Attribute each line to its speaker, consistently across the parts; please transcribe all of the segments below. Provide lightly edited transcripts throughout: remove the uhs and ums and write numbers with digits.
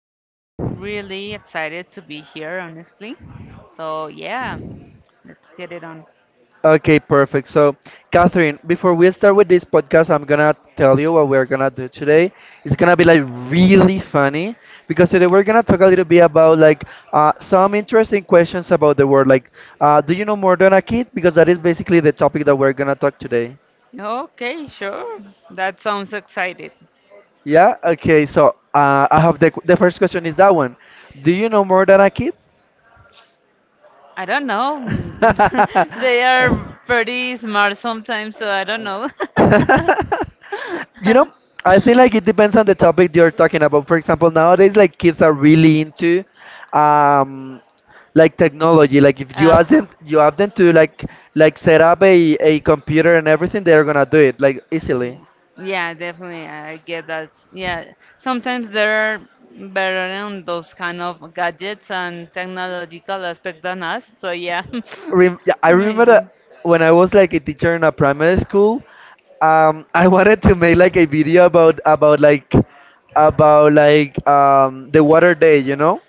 Speaker 1: I'm really excited to be here, honestly. So, yeah, let's get it on.
Speaker 2: Okay, perfect. So, Catherine, before we start with this podcast, I'm gonna tell you what we're gonna do today. It's gonna be like really funny because today we're gonna talk a little bit about some interesting questions about the world. Like, do you know more than a kid? Because that is basically the topic that we're gonna talk today.
Speaker 1: Okay, sure. That sounds excited.
Speaker 2: Yeah. Okay. So, I have the first question is that one. Do you know more than a kid?
Speaker 1: I don't know. They are pretty smart sometimes, so I don't know.
Speaker 2: You know, I feel like it depends on the topic you're talking about. For example, nowadays, like kids are really into, um, like technology. Like if you ask
Speaker 1: Uh-huh.
Speaker 2: them, you have them to like set up a computer and everything, they're gonna do it like
Speaker 1: Yeah,
Speaker 2: easily.
Speaker 1: yeah, definitely. I get that. Yeah, sometimes they're better in those kind of gadgets and technological aspect than us. So yeah,
Speaker 2: Rem yeah, I remember
Speaker 1: maybe.
Speaker 2: that when I was like a teacher in a primary school, I wanted to make like a video about like about the water day, you know?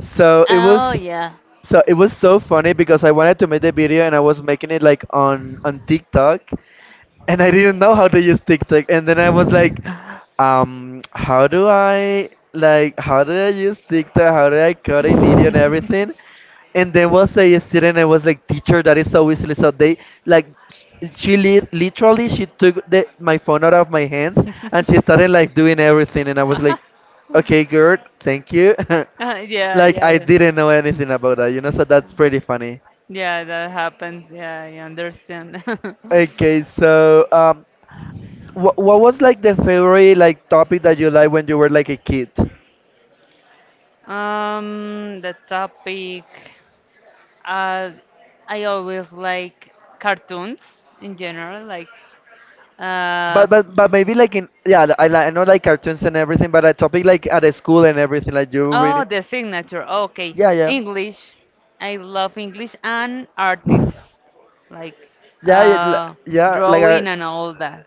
Speaker 2: So it was
Speaker 1: Oh yeah.
Speaker 2: so it was so funny because I wanted to make the video and I was making it like on TikTok and I didn't know how to use TikTok. And then I was like, how do I how do I use TikTok? How do I cut a video and everything? And there was a student and was like, teacher, that is so easily. So they like sh- literally she took my phone out of my hands and she started like doing everything. And I was like, okay, girl, thank you.
Speaker 1: Yeah,
Speaker 2: Like
Speaker 1: yeah,
Speaker 2: I
Speaker 1: yeah.
Speaker 2: didn't know anything about that, you know. So that's pretty funny.
Speaker 1: Yeah, that happens. Yeah, I understand.
Speaker 2: Okay, so what was like the favorite like topic that you like when you were like a kid?
Speaker 1: The topic. Uh, I always like cartoons in general, like uh,
Speaker 2: But but maybe like in, yeah, I I know like cartoons and everything, but a topic like at a school and everything like you really,
Speaker 1: oh, the signature. Okay,
Speaker 2: yeah, yeah,
Speaker 1: English. I love English and artists, like
Speaker 2: yeah, yeah,
Speaker 1: uh,
Speaker 2: yeah like our,
Speaker 1: drawing and all that.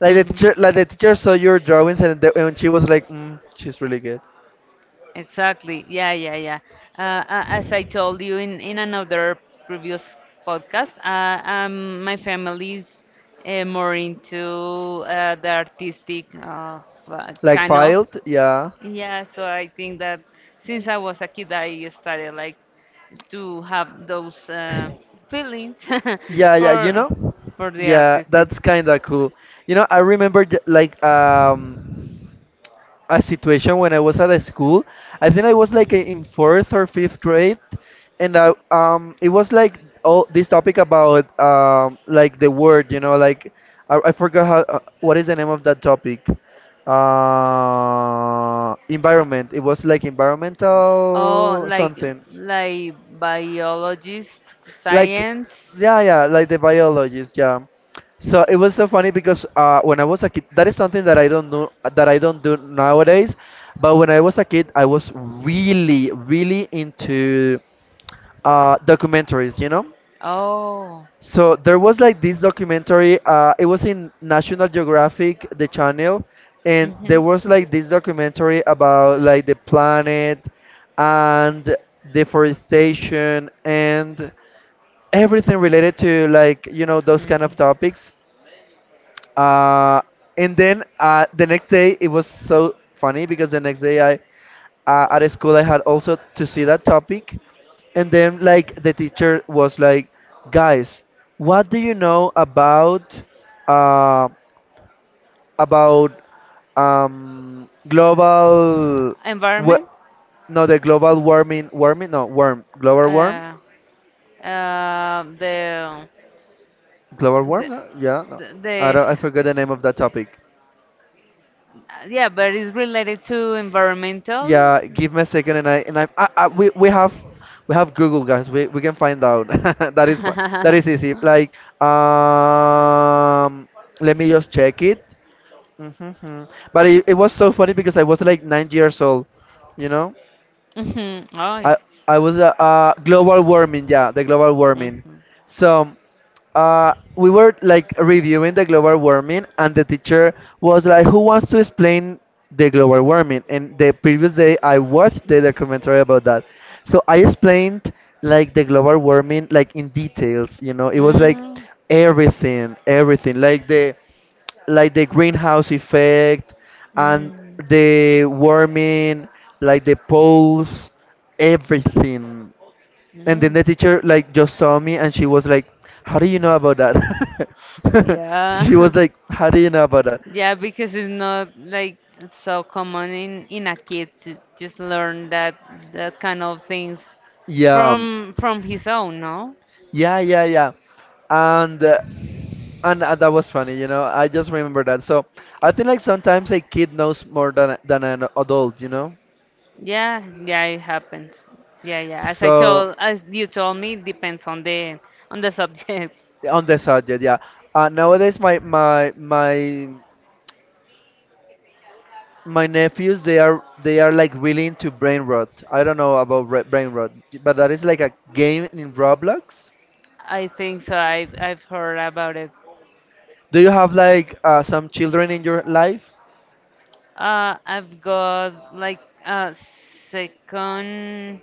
Speaker 2: like the
Speaker 1: Hmm.
Speaker 2: teacher, saw your drawings and the, and she was like, mm, she's really good,
Speaker 1: Exactly. Yeah, yeah, yeah. As I told you in another previous podcast, my family is more into the artistic
Speaker 2: like,
Speaker 1: kind of.
Speaker 2: filed, yeah,
Speaker 1: Yeah, so I think that since I was a kid, I started like to have those feelings
Speaker 2: yeah, yeah, you
Speaker 1: for
Speaker 2: know,
Speaker 1: for the
Speaker 2: yeah
Speaker 1: artistic.
Speaker 2: that's kind of cool. You know, I remember, like, a situation when I was at a school. I think I was like in fourth or fifth grade, and I, it was like all this topic about, like the word, you know, like, I forgot how, what is the name of that topic. Environment. It was like
Speaker 1: Oh,
Speaker 2: environmental
Speaker 1: like
Speaker 2: something,
Speaker 1: like biologist,
Speaker 2: like,
Speaker 1: science.
Speaker 2: yeah, yeah, like the biologist, yeah. So it was so funny because, when I was a kid, that is something that I don't know, that I don't do nowadays, but when I was a kid I was really into, documentaries, you know.
Speaker 1: Oh.
Speaker 2: So there was like this documentary, it was in National Geographic, the channel, and there
Speaker 1: Mhm.
Speaker 2: was like this documentary about like the planet and deforestation and everything related to, like, you know, those kind of
Speaker 1: Mhm.
Speaker 2: topics. Uh, and then the next day it was so funny because the next day I, at school I had also to see that topic. And then like the teacher was like, guys, what do you know about, uh, about global, what?
Speaker 1: Environment?
Speaker 2: No, the global warming no warm global warm.
Speaker 1: Uh, uh, the,
Speaker 2: Global warm?
Speaker 1: the
Speaker 2: No? Yeah. No. I
Speaker 1: the
Speaker 2: don't, I forgot the name of that topic.
Speaker 1: Yeah, but it's related to environmental.
Speaker 2: Yeah, give me a second, I we have, we have Google, guys. We can find out. That is that is easy. Like, um, let me just check it. Hmm. But it was so funny because I was like 9 years old, you know.
Speaker 1: Mhm. Oh.
Speaker 2: I I was, global warming, yeah, the global warming.
Speaker 1: Mhm.
Speaker 2: So, we were like reviewing the global warming and the teacher was like, who wants to explain the global warming? And the previous day I watched the documentary about that. So I explained like the global warming like in details, you know. It was like
Speaker 1: Mm.
Speaker 2: everything, everything like the, like the greenhouse effect, and
Speaker 1: Mm.
Speaker 2: the warming, like the poles, everything. And then
Speaker 1: Mm.
Speaker 2: the teacher like just saw me and she was like, "How do you know about that?" She
Speaker 1: Yeah.
Speaker 2: was like, "How do you know about that?"
Speaker 1: Yeah, because it's not like so common in a kid to just learn that kind of things
Speaker 2: Yeah,
Speaker 1: from his own, no?
Speaker 2: yeah, yeah, yeah. And uh, and that was funny, you know. I just remember that. So I think like sometimes a kid knows more than than an adult, you know.
Speaker 1: Yeah, yeah, it happens. Yeah, yeah. As I
Speaker 2: So.
Speaker 1: told, as you told me, it depends on the subject.
Speaker 2: On the subject, yeah. Uh, nowadays my my nephews, they are, they are like really into brain rot, I don't know about, brain rot, but that is like a game in Roblox.
Speaker 1: I think so. I've heard about it.
Speaker 2: Do you have like, some children in your life?
Speaker 1: I've got like a second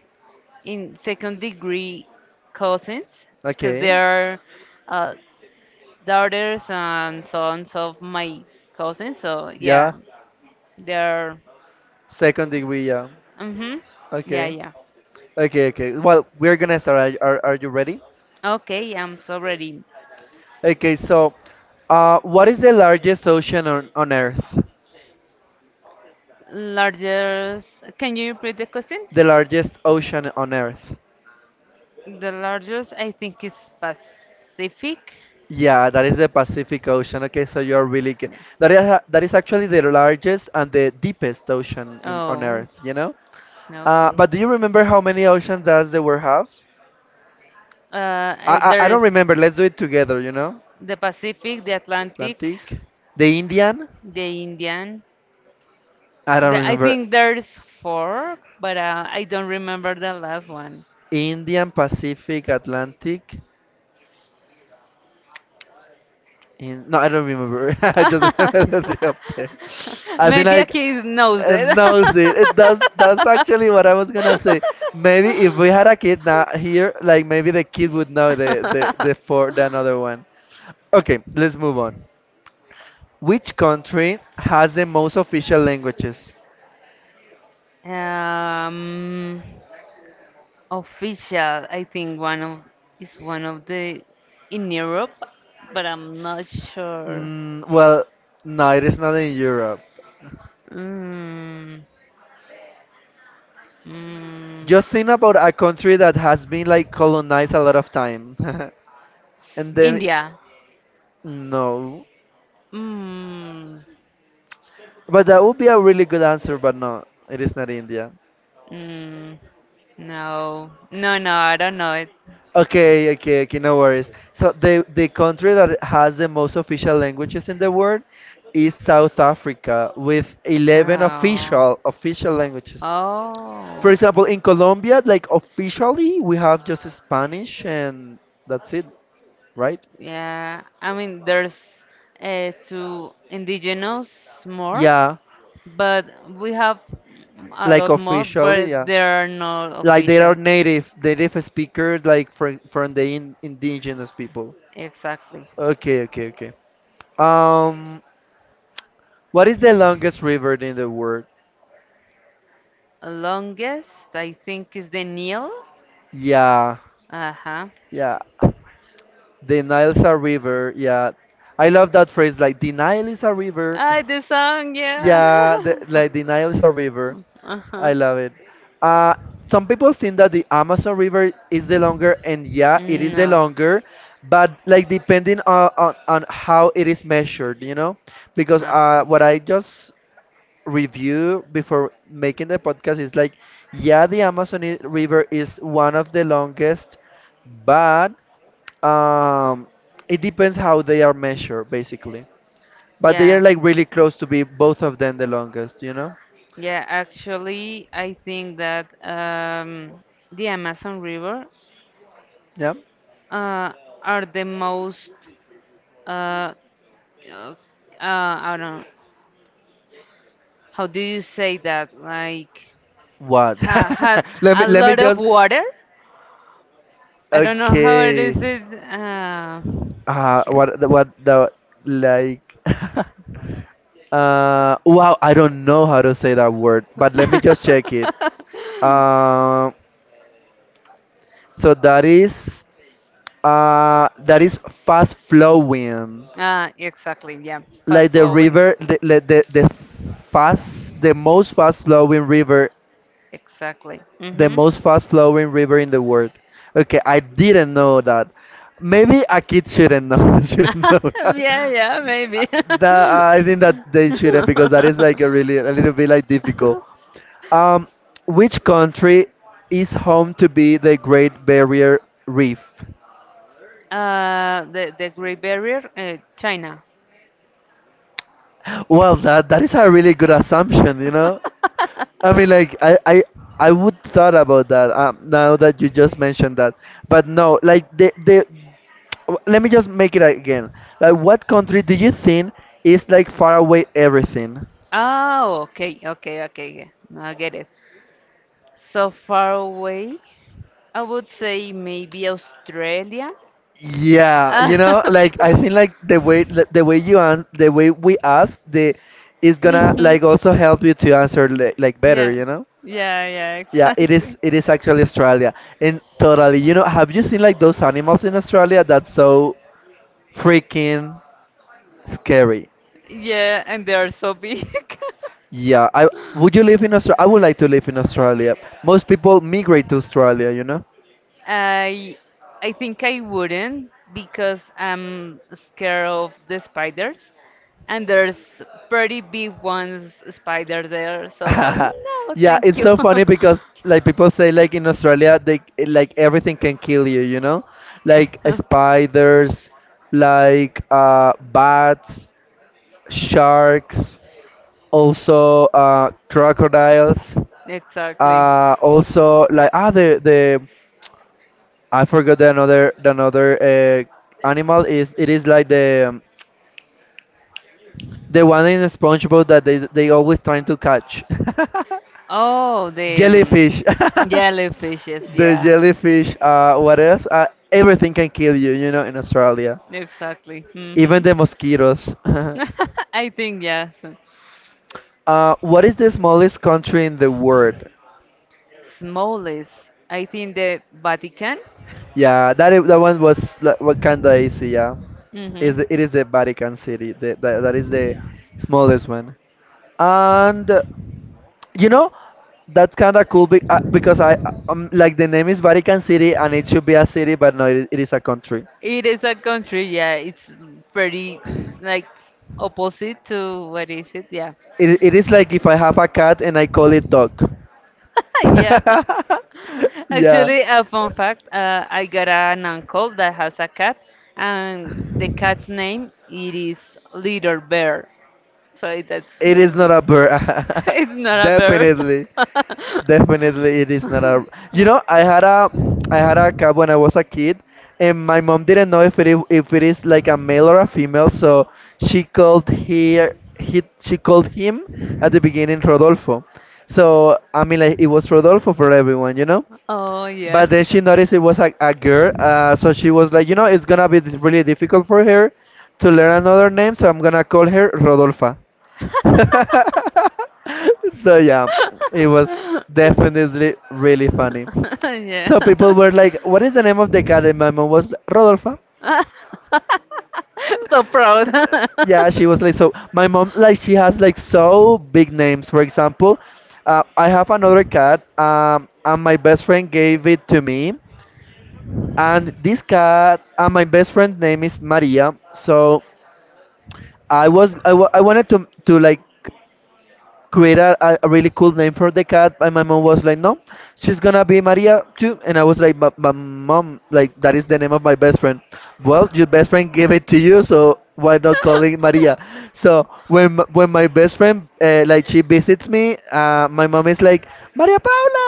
Speaker 1: second degree cousins because they
Speaker 2: Okay.
Speaker 1: are uh, daughters and sons of my cousins. So yeah,
Speaker 2: Yeah,
Speaker 1: they're.
Speaker 2: second degree, yeah.
Speaker 1: Mhm. Yeah,
Speaker 2: Okay,
Speaker 1: yeah.
Speaker 2: okay, okay, well, we're gonna start. Are you ready?
Speaker 1: Okay, I'm so ready.
Speaker 2: Okay, so, what is the largest ocean on earth?
Speaker 1: Largest, can you repeat the question?
Speaker 2: The largest ocean on earth.
Speaker 1: The largest, I think, is Pacific.
Speaker 2: Yeah, that is the Pacific Ocean. Okay, so you're really good.
Speaker 1: Yeah.
Speaker 2: That is that is actually the largest and the deepest ocean in, on
Speaker 1: Oh,
Speaker 2: Earth, you know?
Speaker 1: okay.
Speaker 2: But do you remember how many oceans does the world have?
Speaker 1: Uh,
Speaker 2: I,
Speaker 1: I-
Speaker 2: I I
Speaker 1: there is
Speaker 2: don't remember. Let's do it together, you know?
Speaker 1: the Pacific, the Atlantic,
Speaker 2: Atlantic, the Indian.
Speaker 1: the Indian.
Speaker 2: I don't
Speaker 1: I
Speaker 2: remember.
Speaker 1: think there's four, but I don't remember the last one.
Speaker 2: Indian, Pacific, Atlantic. In, no, I don't remember. I just remember the three up there. I think
Speaker 1: Maybe a
Speaker 2: like,
Speaker 1: kid knows
Speaker 2: and
Speaker 1: that.
Speaker 2: knows it. That's actually what I was gonna say. Maybe if we had a kid now here, like maybe the kid would know the four, the another one. Okay, let's move on. Which country has the most official languages?
Speaker 1: um, Official. I think one of is one of the in Europe, but I'm not sure.
Speaker 2: Mm, well, no, it is not in Europe.
Speaker 1: Mm, mm,
Speaker 2: Just think about a country that has been like colonized a lot of time, and then,
Speaker 1: India.
Speaker 2: no.
Speaker 1: Mm,
Speaker 2: But that would be a really good answer, but no, it is not India.
Speaker 1: mm, no, no, no. I don't know it.
Speaker 2: Okay, okay, okay, no worries. So the country that has the most official languages in the world is South Africa with 11
Speaker 1: Oh,
Speaker 2: official official languages.
Speaker 1: oh.
Speaker 2: For example, in Colombia, like officially, we have just Spanish and that's it, right?
Speaker 1: Yeah, I mean, there's two indigenous more,
Speaker 2: Yeah,
Speaker 1: but we have a
Speaker 2: like
Speaker 1: lot more,
Speaker 2: officially,
Speaker 1: but
Speaker 2: yeah.
Speaker 1: they are not
Speaker 2: Like they are
Speaker 1: official.
Speaker 2: native speakers, like from the indigenous people.
Speaker 1: Exactly.
Speaker 2: Okay, okay, okay. Um, what is the longest river in the world?
Speaker 1: Longest, I think, is the Nile.
Speaker 2: Yeah,
Speaker 1: Uh huh.
Speaker 2: yeah. The Nile's a river. Yeah, I love that phrase. Like the Nile is a river.
Speaker 1: Ah, the song, yeah.
Speaker 2: Yeah, the, like the Nile is a river.
Speaker 1: Uh huh.
Speaker 2: I love it. Uh, some people think that the Amazon River is the longer, and yeah, it is the
Speaker 1: No.
Speaker 2: longer, but like depending on on how it is measured, you know. Because,
Speaker 1: Uh,
Speaker 2: what I just review before making the podcast is like, yeah, the Amazon River is one of the longest, but um, it depends how they are measured, basically. But they are
Speaker 1: yeah,
Speaker 2: like really close to be both of them the longest, you know?
Speaker 1: yeah. Actually, I think that the Amazon River
Speaker 2: Yeah.
Speaker 1: uh, are the most. Uh, uh, I don't know. How do you say that? Like,
Speaker 2: What?
Speaker 1: ha had
Speaker 2: Let me
Speaker 1: a
Speaker 2: let me
Speaker 1: lot of
Speaker 2: just.
Speaker 1: water. I don't know how it
Speaker 2: Okay.
Speaker 1: is. It. Yeah.
Speaker 2: What the- like? Uh, wow, I don't know how to say that word, but let me just check it. Um, so that is. That is fast flowing,
Speaker 1: Exactly. Yeah. Fast
Speaker 2: like the
Speaker 1: flowing.
Speaker 2: river, like the fast, the most fast flowing river,
Speaker 1: Exactly.
Speaker 2: the
Speaker 1: Mm-hmm.
Speaker 2: most fast flowing river in the world. Okay, I didn't know that. Maybe a kid shouldn't know shouldn't know that.
Speaker 1: Yeah, yeah, maybe.
Speaker 2: That I think that they shouldn't, because that is like a really a little bit like difficult. Um, which country is home to be the Great Barrier Reef?
Speaker 1: The Great Barrier, China.
Speaker 2: Well, that that is a really good assumption, you know? I mean, like I would thought about that, now that you just mentioned that. But no, like let me just make it again. Like what country do you think is like far away everything?
Speaker 1: Oh, okay, okay, okay. Yeah. Now I get it. So far away, I would say maybe Australia.
Speaker 2: Yeah,
Speaker 1: Ah,
Speaker 2: you know, like I think like the way you ans the way we ask, the is gonna
Speaker 1: Mhm.
Speaker 2: like also help you to answer like better,
Speaker 1: Yeah,
Speaker 2: you know?
Speaker 1: yeah, yeah,
Speaker 2: Yeah, it
Speaker 1: exactly.
Speaker 2: is. It is actually Australia, and totally. You know, have you seen like those animals in Australia that's so freaking scary?
Speaker 1: Yeah, and they are so big.
Speaker 2: Yeah, I, would you live in Australia? I would like to live in Australia. Most people migrate to Australia, you know.
Speaker 1: I I think I wouldn't because I'm scared of the spiders, and there's pretty big ones spider there. So no,
Speaker 2: Yeah,
Speaker 1: thank
Speaker 2: it's
Speaker 1: you.
Speaker 2: so funny because like people say like in Australia they, like everything can kill you, you know, like, spiders, like, bats, sharks, also, crocodiles.
Speaker 1: Exactly.
Speaker 2: Also, like, ah, the I forgot the another, animal is, it is like the, the one in SpongeBob that they always trying to catch.
Speaker 1: Oh, the
Speaker 2: Jellyfish.
Speaker 1: jellyfishes.
Speaker 2: The
Speaker 1: Yeah,
Speaker 2: jellyfish. What else? Everything can kill you. You know, in Australia,
Speaker 1: exactly. Hmm.
Speaker 2: even the mosquitoes.
Speaker 1: I think yes.
Speaker 2: What is the smallest country in the world?
Speaker 1: Smallest. I think the Vatican.
Speaker 2: Yeah, that one was like, what kind of easy. Yeah, is
Speaker 1: hmm
Speaker 2: it is the Vatican City. That is the smallest one. And you know, that's kind of cool because I like the name is Vatican City and it should be a city, but no, it is a country.
Speaker 1: It is a country, yeah. It's pretty like opposite to what is it? Yeah.
Speaker 2: It is like if I have a cat and I call it dog.
Speaker 1: Yeah.
Speaker 2: yeah,
Speaker 1: Actually, a fun fact, I got an uncle that has a cat and the cat's name it is Little Bear. So that's
Speaker 2: it is not a bird.
Speaker 1: it's not a bear.
Speaker 2: Definitely. Definitely, it is not a. You know, I had a cat when I was a kid, and my mom didn't know if it is like a male or a female, so she called here. He She called him at the beginning Rodolfo. So I mean, like it was
Speaker 1: Oh.
Speaker 2: Rodolfo for everyone, you know.
Speaker 1: Oh yeah.
Speaker 2: But then she noticed it was a girl, so she was like, you know, it's gonna be really difficult for her to learn another name, so I'm gonna call her Rodolfa. So yeah, it was definitely really funny.
Speaker 1: Yeah.
Speaker 2: So people were like, "What is the name of the cat?" And my mom was like, Rodolfa.
Speaker 1: So proud.
Speaker 2: Yeah, she was like, so my mom like she has like so big names. For example, I have another cat, and my best friend gave it to me. And this cat, and my best friend name is Maria. So I was I wa- I wanted to like create a really cool name for the cat and my mom was like no, she's gonna be Maria too, and I was like but my mom, like that is the name of my best friend. Well, your best friend gave it to you, so why not call it Maria. So when my best friend like she visits me, my mom is like Maria Paula,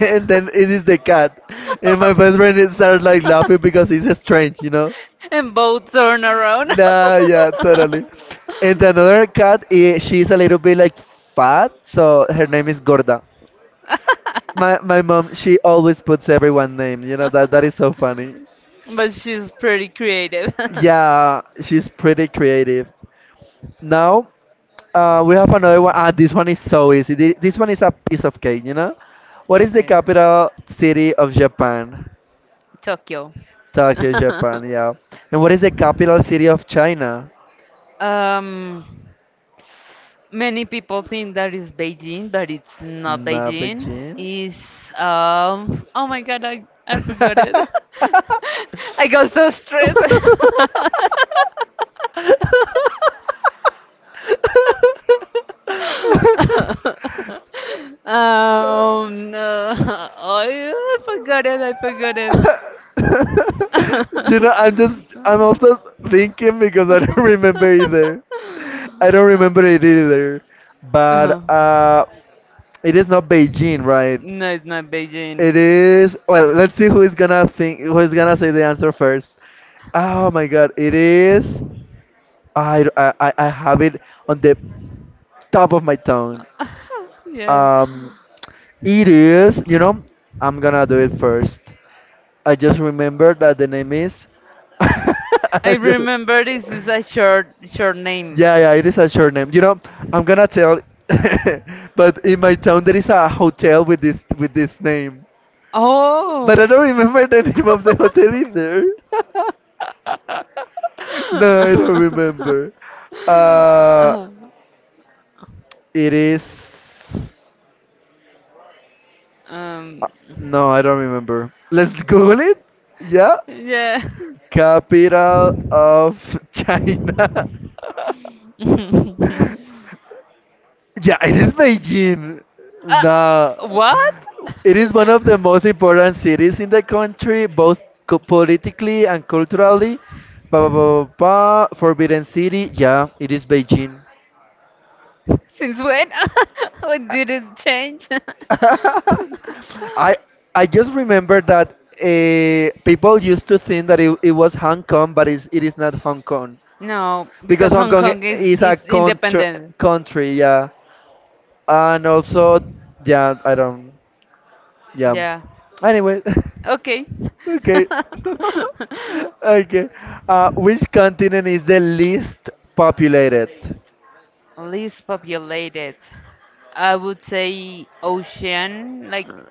Speaker 2: and then it is the cat, and my best friend is started like laughing because
Speaker 1: Know.
Speaker 2: it's strange, you know.
Speaker 1: And both turn around.
Speaker 2: Nah, yeah, totally. And another cat, she's a little bit like fat, so her name is Gorda. My mom, she always puts everyone name. You know that is so funny.
Speaker 1: But she's pretty creative.
Speaker 2: Yeah, she's pretty creative. Now, we have another one. Ah, this one is so easy. This one is a piece of cake. You know, what is the
Speaker 1: Okay.
Speaker 2: capital city of Japan?
Speaker 1: Tokyo.
Speaker 2: Tokyo, Japan. Yeah. And what is the capital city of China?
Speaker 1: um, Many people think that it's Beijing, but it's not
Speaker 2: Nah,
Speaker 1: Beijing.
Speaker 2: Beijing.
Speaker 1: It's. Oh my God, I forgot it.
Speaker 2: I
Speaker 1: I got so stressed. No. Oh, I forgot it. I forgot it.
Speaker 2: You know, I'm also thinking because I don't remember either. I don't remember it either.
Speaker 1: Uh-huh.
Speaker 2: But it is not Beijing, right?
Speaker 1: No, it's not Beijing.
Speaker 2: It is. Well, let's see who is gonna think, who is gonna say the answer first. Oh my God! It is. I have it on the top of my tongue.
Speaker 1: Yeah.
Speaker 2: Um, it is, you know, I'm gonna do it first. I just remember that the name is.
Speaker 1: I
Speaker 2: I just-
Speaker 1: remember this is a short short name.
Speaker 2: yeah, yeah, it is a short name. You know, I'm gonna tell. but in my town there is a hotel with this name.
Speaker 1: Oh.
Speaker 2: But I don't remember the name of the hotel either. no, I don't remember. Uh,
Speaker 1: Uh-huh.
Speaker 2: it is.
Speaker 1: Um,
Speaker 2: No, I don't remember. Let's Google it. Yeah.
Speaker 1: yeah.
Speaker 2: Capital of China.
Speaker 1: uh,
Speaker 2: Yeah, it is Beijing. Nah.
Speaker 1: what?
Speaker 2: It is one of the most important cities in the country, both politically and culturally. Ba, ba, ba, ba, ba. Forbidden City. Yeah, it is Beijing.
Speaker 1: Since when? What did it change?
Speaker 2: I I just remember that people used to think that it was Hong Kong, but it is not Hong Kong.
Speaker 1: No,
Speaker 2: Because
Speaker 1: because
Speaker 2: Hong
Speaker 1: Hong
Speaker 2: Kong
Speaker 1: Kong is
Speaker 2: is a
Speaker 1: is
Speaker 2: country,
Speaker 1: independent.
Speaker 2: country, yeah, and also, yeah, I don't, yeah.
Speaker 1: Yeah.
Speaker 2: Anyway,
Speaker 1: Okay.
Speaker 2: okay, okay. Which continent is the least populated?
Speaker 1: Least populated. I would say ocean, like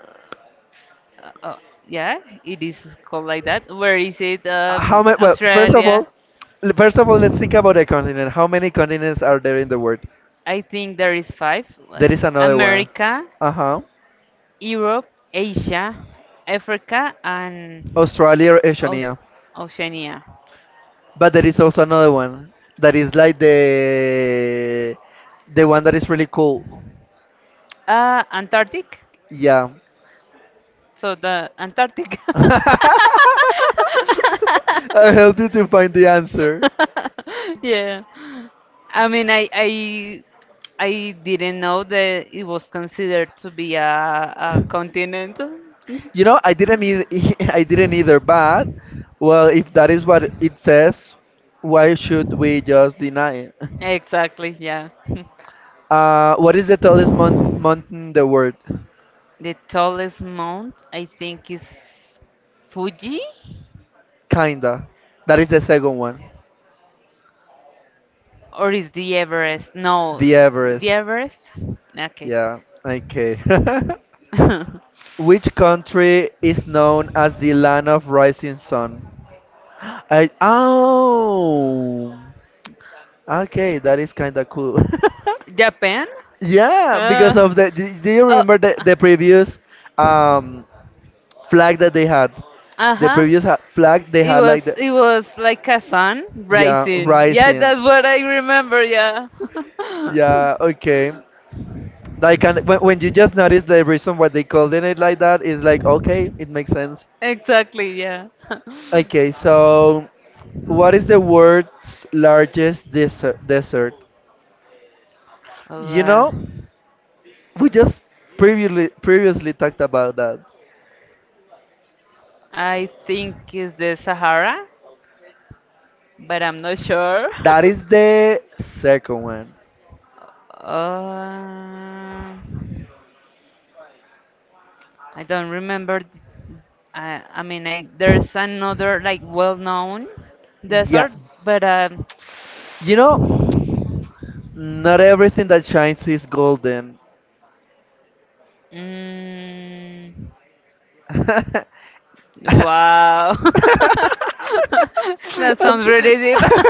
Speaker 1: Uh, uh, yeah, it is called like that. Where is it?
Speaker 2: How many? Well, first of
Speaker 1: Australia.
Speaker 2: all, first of all, let's think about a continent. How many continents are there in the world?
Speaker 1: I think there is five.
Speaker 2: There
Speaker 1: Like
Speaker 2: is another one.
Speaker 1: America,
Speaker 2: Uh huh.
Speaker 1: Europe, Asia, Africa, and
Speaker 2: Australia or
Speaker 1: Aus-
Speaker 2: Oceania?
Speaker 1: Oceania.
Speaker 2: But there is also another one that is like the one that is really cool.
Speaker 1: Antarctic.
Speaker 2: Yeah.
Speaker 1: So the Antarctic.
Speaker 2: I helped you to find the answer.
Speaker 1: Yeah. I mean, I didn't know that it was considered to be a continent.
Speaker 2: You know, I didn't e- I didn't either, but well, if that is what it says, why should we just deny it?
Speaker 1: Exactly. Yeah.
Speaker 2: What is the tallest mountain in the world?
Speaker 1: The tallest mount I think is Fuji
Speaker 2: Kinda. That is the second one.
Speaker 1: or is the Everest? No,
Speaker 2: The Everest.
Speaker 1: the Everest. Okay.
Speaker 2: Yeah. Okay. Which country is known as the land of rising sun? I oh, okay, that is kind of cool.
Speaker 1: Japan?
Speaker 2: yeah,
Speaker 1: Uh,
Speaker 2: because of the. Do you
Speaker 1: oh.
Speaker 2: remember
Speaker 1: uh,
Speaker 2: the previous um flag that they had? The
Speaker 1: Uh-huh.
Speaker 2: previous ha flag they
Speaker 1: It
Speaker 2: had
Speaker 1: was
Speaker 2: like the
Speaker 1: it was like a sun
Speaker 2: yeah
Speaker 1: rising. Yeah,
Speaker 2: rising.
Speaker 1: that's what I remember, yeah.
Speaker 2: Yeah, okay. Like and when you just notice the reason why they called it like that is like okay, it makes sense.
Speaker 1: Exactly, yeah.
Speaker 2: Okay, so what is the world's largest desert? Desert.
Speaker 1: Well,
Speaker 2: You know, we just previously talked about that.
Speaker 1: I think it's the Sahara, but I'm not sure.
Speaker 2: That is the second one.
Speaker 1: Uh, I don't remember. I mean, I there's another like well-known
Speaker 2: Yeah.
Speaker 1: desert, but.
Speaker 2: You know, not everything that shines is golden.
Speaker 1: mm,
Speaker 2: I.
Speaker 1: wow, that
Speaker 2: And
Speaker 1: sounds really deep.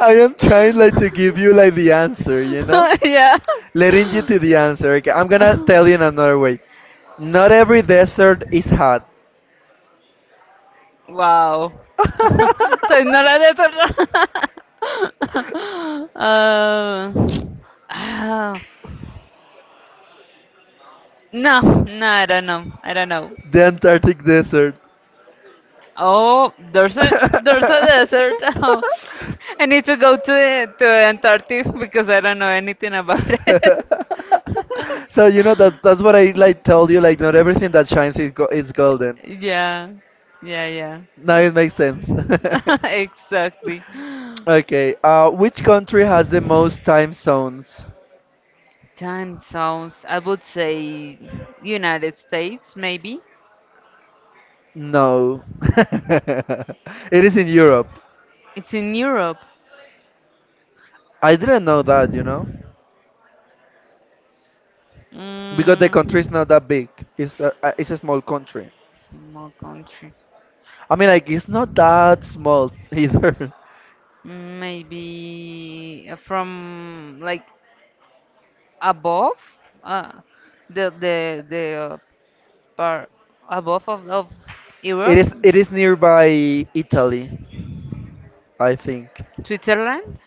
Speaker 2: I am trying like to give you like the answer, you know?
Speaker 1: Yeah,
Speaker 2: Leading you to the answer. Okay, I'm gonna tell you in another way. Not every desert is hot.
Speaker 1: wow. So it's not a desert. uh, ah, no, no, I don't know. I don't know.
Speaker 2: the Antarctic desert.
Speaker 1: Oh, there's a desert. Oh, I need to go to to Antarctica because I don't know anything about it.
Speaker 2: So you know that that's what I like told you, like not everything that shines is go is golden.
Speaker 1: Yeah, yeah,
Speaker 2: Now it makes sense.
Speaker 1: yeah. Exactly.
Speaker 2: Okay, which country has the most time zones?
Speaker 1: Time zones. I would say United States, maybe.
Speaker 2: No. It is in Europe.
Speaker 1: It's in Europe.
Speaker 2: I didn't know that, you know, because the
Speaker 1: Mm,
Speaker 2: country is not that big. It's a small country.
Speaker 1: Small country.
Speaker 2: I mean, like it's not that small either.
Speaker 1: Maybe from like above, uh, the part above of Europe?
Speaker 2: It is nearby Italy, I think.
Speaker 1: Switzerland?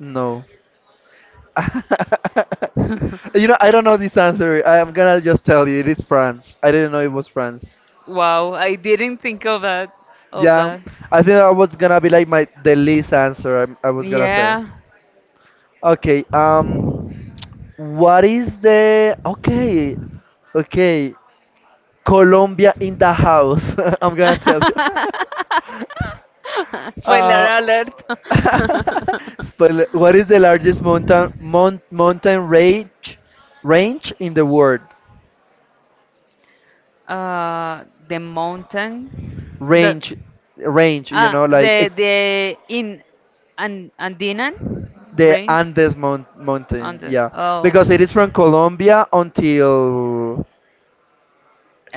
Speaker 2: No. You know, I don't know this answer. I am gonna just tell you, it is France. I didn't know it was France.
Speaker 1: Wow, I didn't think of that. Of
Speaker 2: Yeah,
Speaker 1: that.
Speaker 2: I think that was gonna be like my the least answer I was gonna say.
Speaker 1: Yeah.
Speaker 2: Okay, what is the okay, okay, Colombia in the house? I'm gonna tell you.
Speaker 1: Spoiler
Speaker 2: Uh,
Speaker 1: alert.
Speaker 2: spoiler. What is the largest mountain range in the world?
Speaker 1: The mountain. The
Speaker 2: range range you
Speaker 1: ah
Speaker 2: know like
Speaker 1: the in and Andinan
Speaker 2: the
Speaker 1: range.
Speaker 2: andes mountain
Speaker 1: Andes.
Speaker 2: yeah
Speaker 1: Oh.
Speaker 2: because it is from Colombia until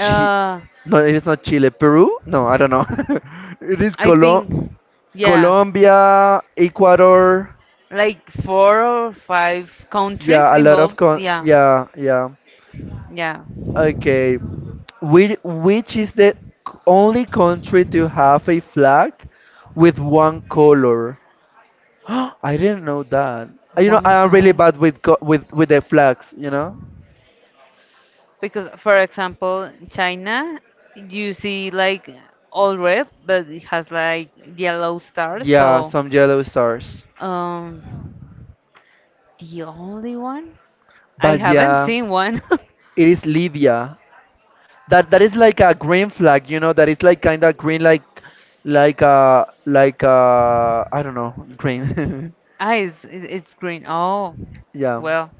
Speaker 2: Chi- no it is not Chile, Peru, no I don't know, it is
Speaker 1: I think, yeah,
Speaker 2: Colombia, Ecuador,
Speaker 1: like four or five countries
Speaker 2: yeah a lot of
Speaker 1: involved.
Speaker 2: con
Speaker 1: Yeah,
Speaker 2: yeah yeah
Speaker 1: yeah,
Speaker 2: okay which is the only country to have a flag with one color. I didn't know that. You know, I
Speaker 1: one
Speaker 2: am really
Speaker 1: car.
Speaker 2: bad with the flags, you know?
Speaker 1: Because, for example, China, you see like all red, but it has like yellow stars.
Speaker 2: Yeah,
Speaker 1: So,
Speaker 2: some yellow stars.
Speaker 1: um, the only one I
Speaker 2: But
Speaker 1: haven't
Speaker 2: yeah,
Speaker 1: seen one.
Speaker 2: it is Libya. That is like a green flag, you know, that is like kind of green like like uh I don't know, green.
Speaker 1: It's green. Oh,
Speaker 2: Yeah.
Speaker 1: well,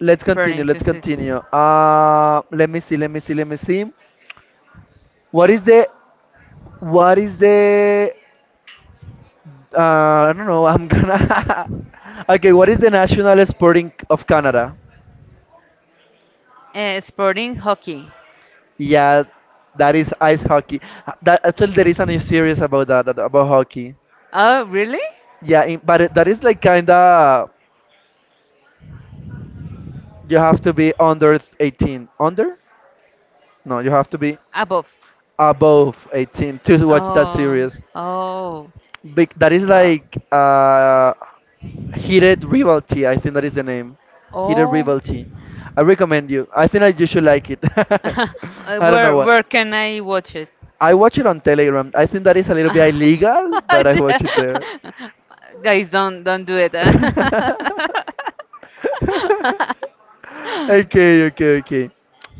Speaker 2: Let's
Speaker 1: pretty
Speaker 2: continue, let's
Speaker 1: interesting.
Speaker 2: continue. Let me see, let me see, let me see. What is the what is the I don't know, I'm gonna okay, what is the national sporting of Canada?
Speaker 1: Sporting hockey.
Speaker 2: Yeah, that is ice hockey. That actually there is a new series about about hockey.
Speaker 1: Oh, really?
Speaker 2: Yeah, in, but it- that is like kinda you have to be under 18. Under? No, you have to be
Speaker 1: Above.
Speaker 2: above 18 to watch that
Speaker 1: Oh,
Speaker 2: series.
Speaker 1: oh,
Speaker 2: Big that is
Speaker 1: wow.
Speaker 2: like Heated Rivalry, I think that is the name. Heated
Speaker 1: Oh,
Speaker 2: Rivalry. I recommend you. I think that you should like it.
Speaker 1: Uh,
Speaker 2: I don't
Speaker 1: where
Speaker 2: know what.
Speaker 1: where can I watch it?
Speaker 2: I watch it on Telegram. I think that is a little bit illegal, but I
Speaker 1: Yeah.
Speaker 2: watch it there.
Speaker 1: Guys, don't do it, eh?
Speaker 2: okay, okay, okay.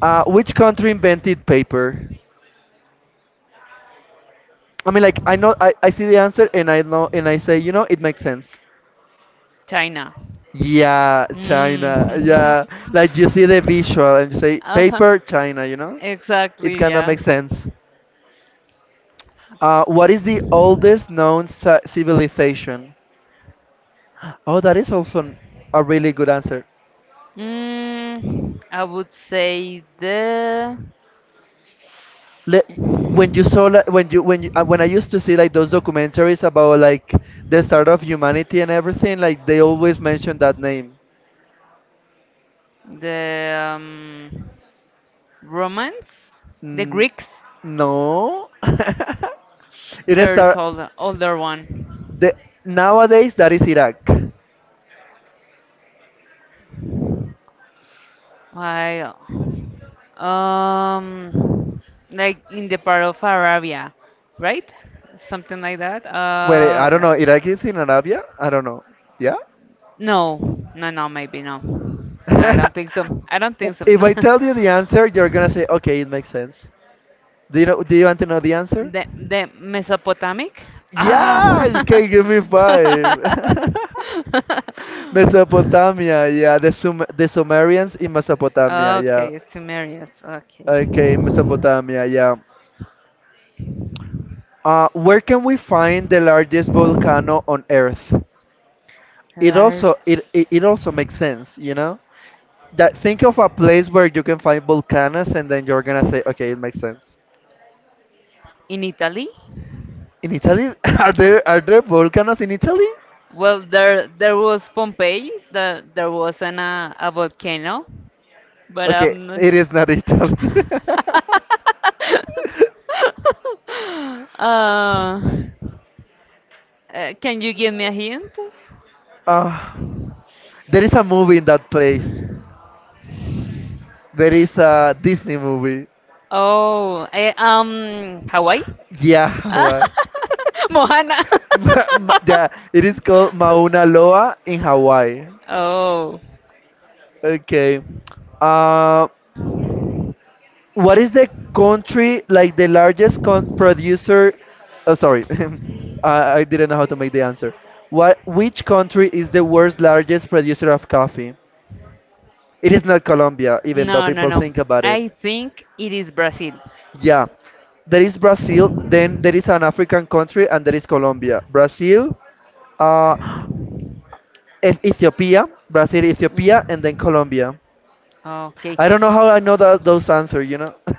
Speaker 2: Which country invented paper? I mean, like I know I see the answer and I know and I say, you know, it makes sense.
Speaker 1: China.
Speaker 2: Yeah, China.
Speaker 1: Mm.
Speaker 2: Yeah, like you see the visual and you say
Speaker 1: Uh-huh.
Speaker 2: paper, China. You know, it
Speaker 1: Exactly,
Speaker 2: kinda
Speaker 1: yeah.
Speaker 2: makes sense. What is the oldest known civilization? Oh, that is also a really good answer.
Speaker 1: I would say the
Speaker 2: Le- when you saw like, when you, when I used to see like those documentaries about like the start of humanity and everything, like they always mention that name.
Speaker 1: the um, Romans? The
Speaker 2: Mm,
Speaker 1: Greeks?
Speaker 2: no, it is
Speaker 1: There's
Speaker 2: our,
Speaker 1: older one.
Speaker 2: the nowadays that is Iraq.
Speaker 1: I, um, like in the part of Arabia, right? Something like that.
Speaker 2: Well, I don't know. Iraq is in Arabia. I don't know. Yeah.
Speaker 1: No, no, no, maybe no. No, I don't think so. I don't think so.
Speaker 2: If I tell you the answer, you're gonna say, okay, it makes sense. Do you know? Do you want to know the answer?
Speaker 1: The Mesopotamic. Ah.
Speaker 2: Yeah. Okay, give me five. Mesopotamia, yeah. The Sumerians in Mesopotamia, yeah.
Speaker 1: Okay, Sumerians. Okay,
Speaker 2: Okay, Mesopotamia, yeah. Where can we find the largest volcano on Earth? It also
Speaker 1: large
Speaker 2: it also makes sense, you know? That think of a place where you can find volcanoes and then you're gonna say, okay, it makes sense.
Speaker 1: in Italy.
Speaker 2: In Italy, are there volcanoes in Italy?
Speaker 1: Well, there was Pompeii. There was a volcano, but
Speaker 2: Okay,
Speaker 1: I'm not
Speaker 2: it
Speaker 1: sure.
Speaker 2: is not Italy.
Speaker 1: uh, uh, can you give me a hint?
Speaker 2: uh, there is a movie in that place. There is a Disney movie.
Speaker 1: Oh, Hawaii?
Speaker 2: Yeah, Hawaii.
Speaker 1: Moana.
Speaker 2: Yeah, it is called Mauna Loa in Hawaii.
Speaker 1: Oh,
Speaker 2: Okay. Uh, what is the country like the largest producer? Oh, sorry, I didn't know how to make the answer. What? Which country is the world's largest producer of coffee? It is not Colombia, even though
Speaker 1: no, no,
Speaker 2: people
Speaker 1: no.
Speaker 2: think about it.
Speaker 1: I think it is Brazil.
Speaker 2: Yeah, there is Brazil. Then there is an African country, and there is Colombia. Brazil. Uh, and Ethiopia, Brazil, Ethiopia, and then
Speaker 1: Mm.
Speaker 2: Colombia.
Speaker 1: Okay.
Speaker 2: I don't know how I know that those answer. You know,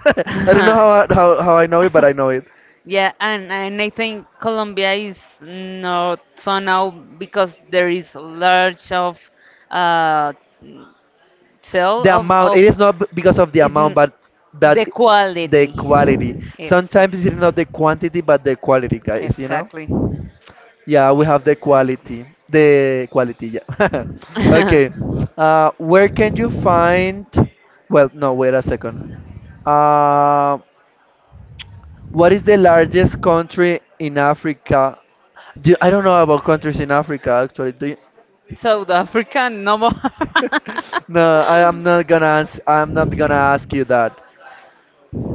Speaker 2: I don't know how, how I know it, but I know it.
Speaker 1: Yeah, and I think Colombia is not so now because there is large of uh sell
Speaker 2: The
Speaker 1: of
Speaker 2: amount.
Speaker 1: of
Speaker 2: It is not because of the
Speaker 1: is
Speaker 2: amount,
Speaker 1: n-
Speaker 2: but
Speaker 1: the
Speaker 2: the
Speaker 1: quality.
Speaker 2: quality. Sometimes it's
Speaker 1: Exactly.
Speaker 2: not the quantity, but the quality, guys. You know.
Speaker 1: Exactly.
Speaker 2: Yeah, we have the
Speaker 1: Exactly.
Speaker 2: quality. The quality. Yeah. okay. Where can you find? Well, no. Wait a second. Um What is the largest country in Africa? I don't know about countries in Africa actually. Do you?
Speaker 1: South Africa, no more.
Speaker 2: No, I am not gonna I'm not gonna ask you that.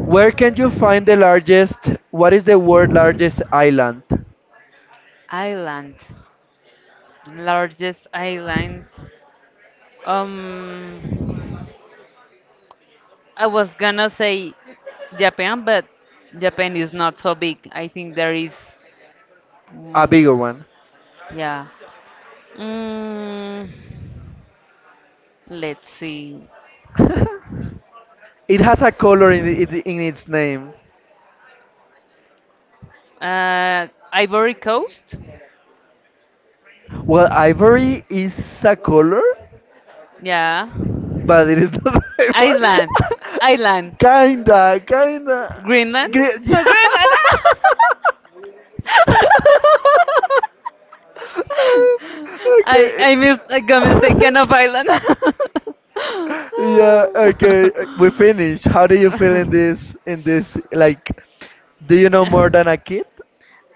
Speaker 2: Where can you find the largest? What is the world largest island?
Speaker 1: Island, largest island. Um, I was gonna say Japan, but Japan is not so big. I think there is,
Speaker 2: A
Speaker 1: mm,
Speaker 2: bigger one.
Speaker 1: yeah. Mm, let's see.
Speaker 2: It has a color in it, in its name.
Speaker 1: Ivory Coast,
Speaker 2: Well, ivory is a color,
Speaker 1: yeah.
Speaker 2: but it is not ivory.
Speaker 1: Iceland, Iceland,
Speaker 2: kinda, kinda.
Speaker 1: Greenland,
Speaker 2: Yeah.
Speaker 1: Greenland. I
Speaker 2: okay.
Speaker 1: I missed I got mistaken of island.
Speaker 2: yeah. Okay. We finished. How do you feel in this? In this, like, do you know more than a kid?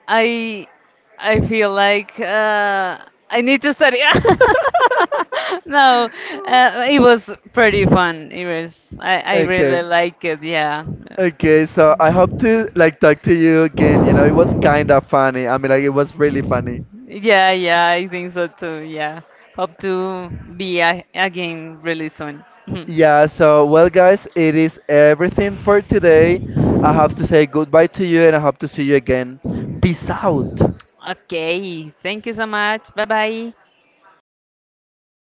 Speaker 1: I I feel like I need to study. No, it was pretty fun. It was I
Speaker 2: okay.
Speaker 1: really like it. Yeah,
Speaker 2: Okay, so I hope to like talk to you again. You know, it was kind of funny. I mean, like it was really funny.
Speaker 1: yeah, yeah. I think so too. Yeah, hope to be a again really soon.
Speaker 2: Yeah, so well, guys, it is everything for today. I have to say goodbye to you and I hope to see you again. Peace out.
Speaker 1: Okay. Thank you so much. Bye bye.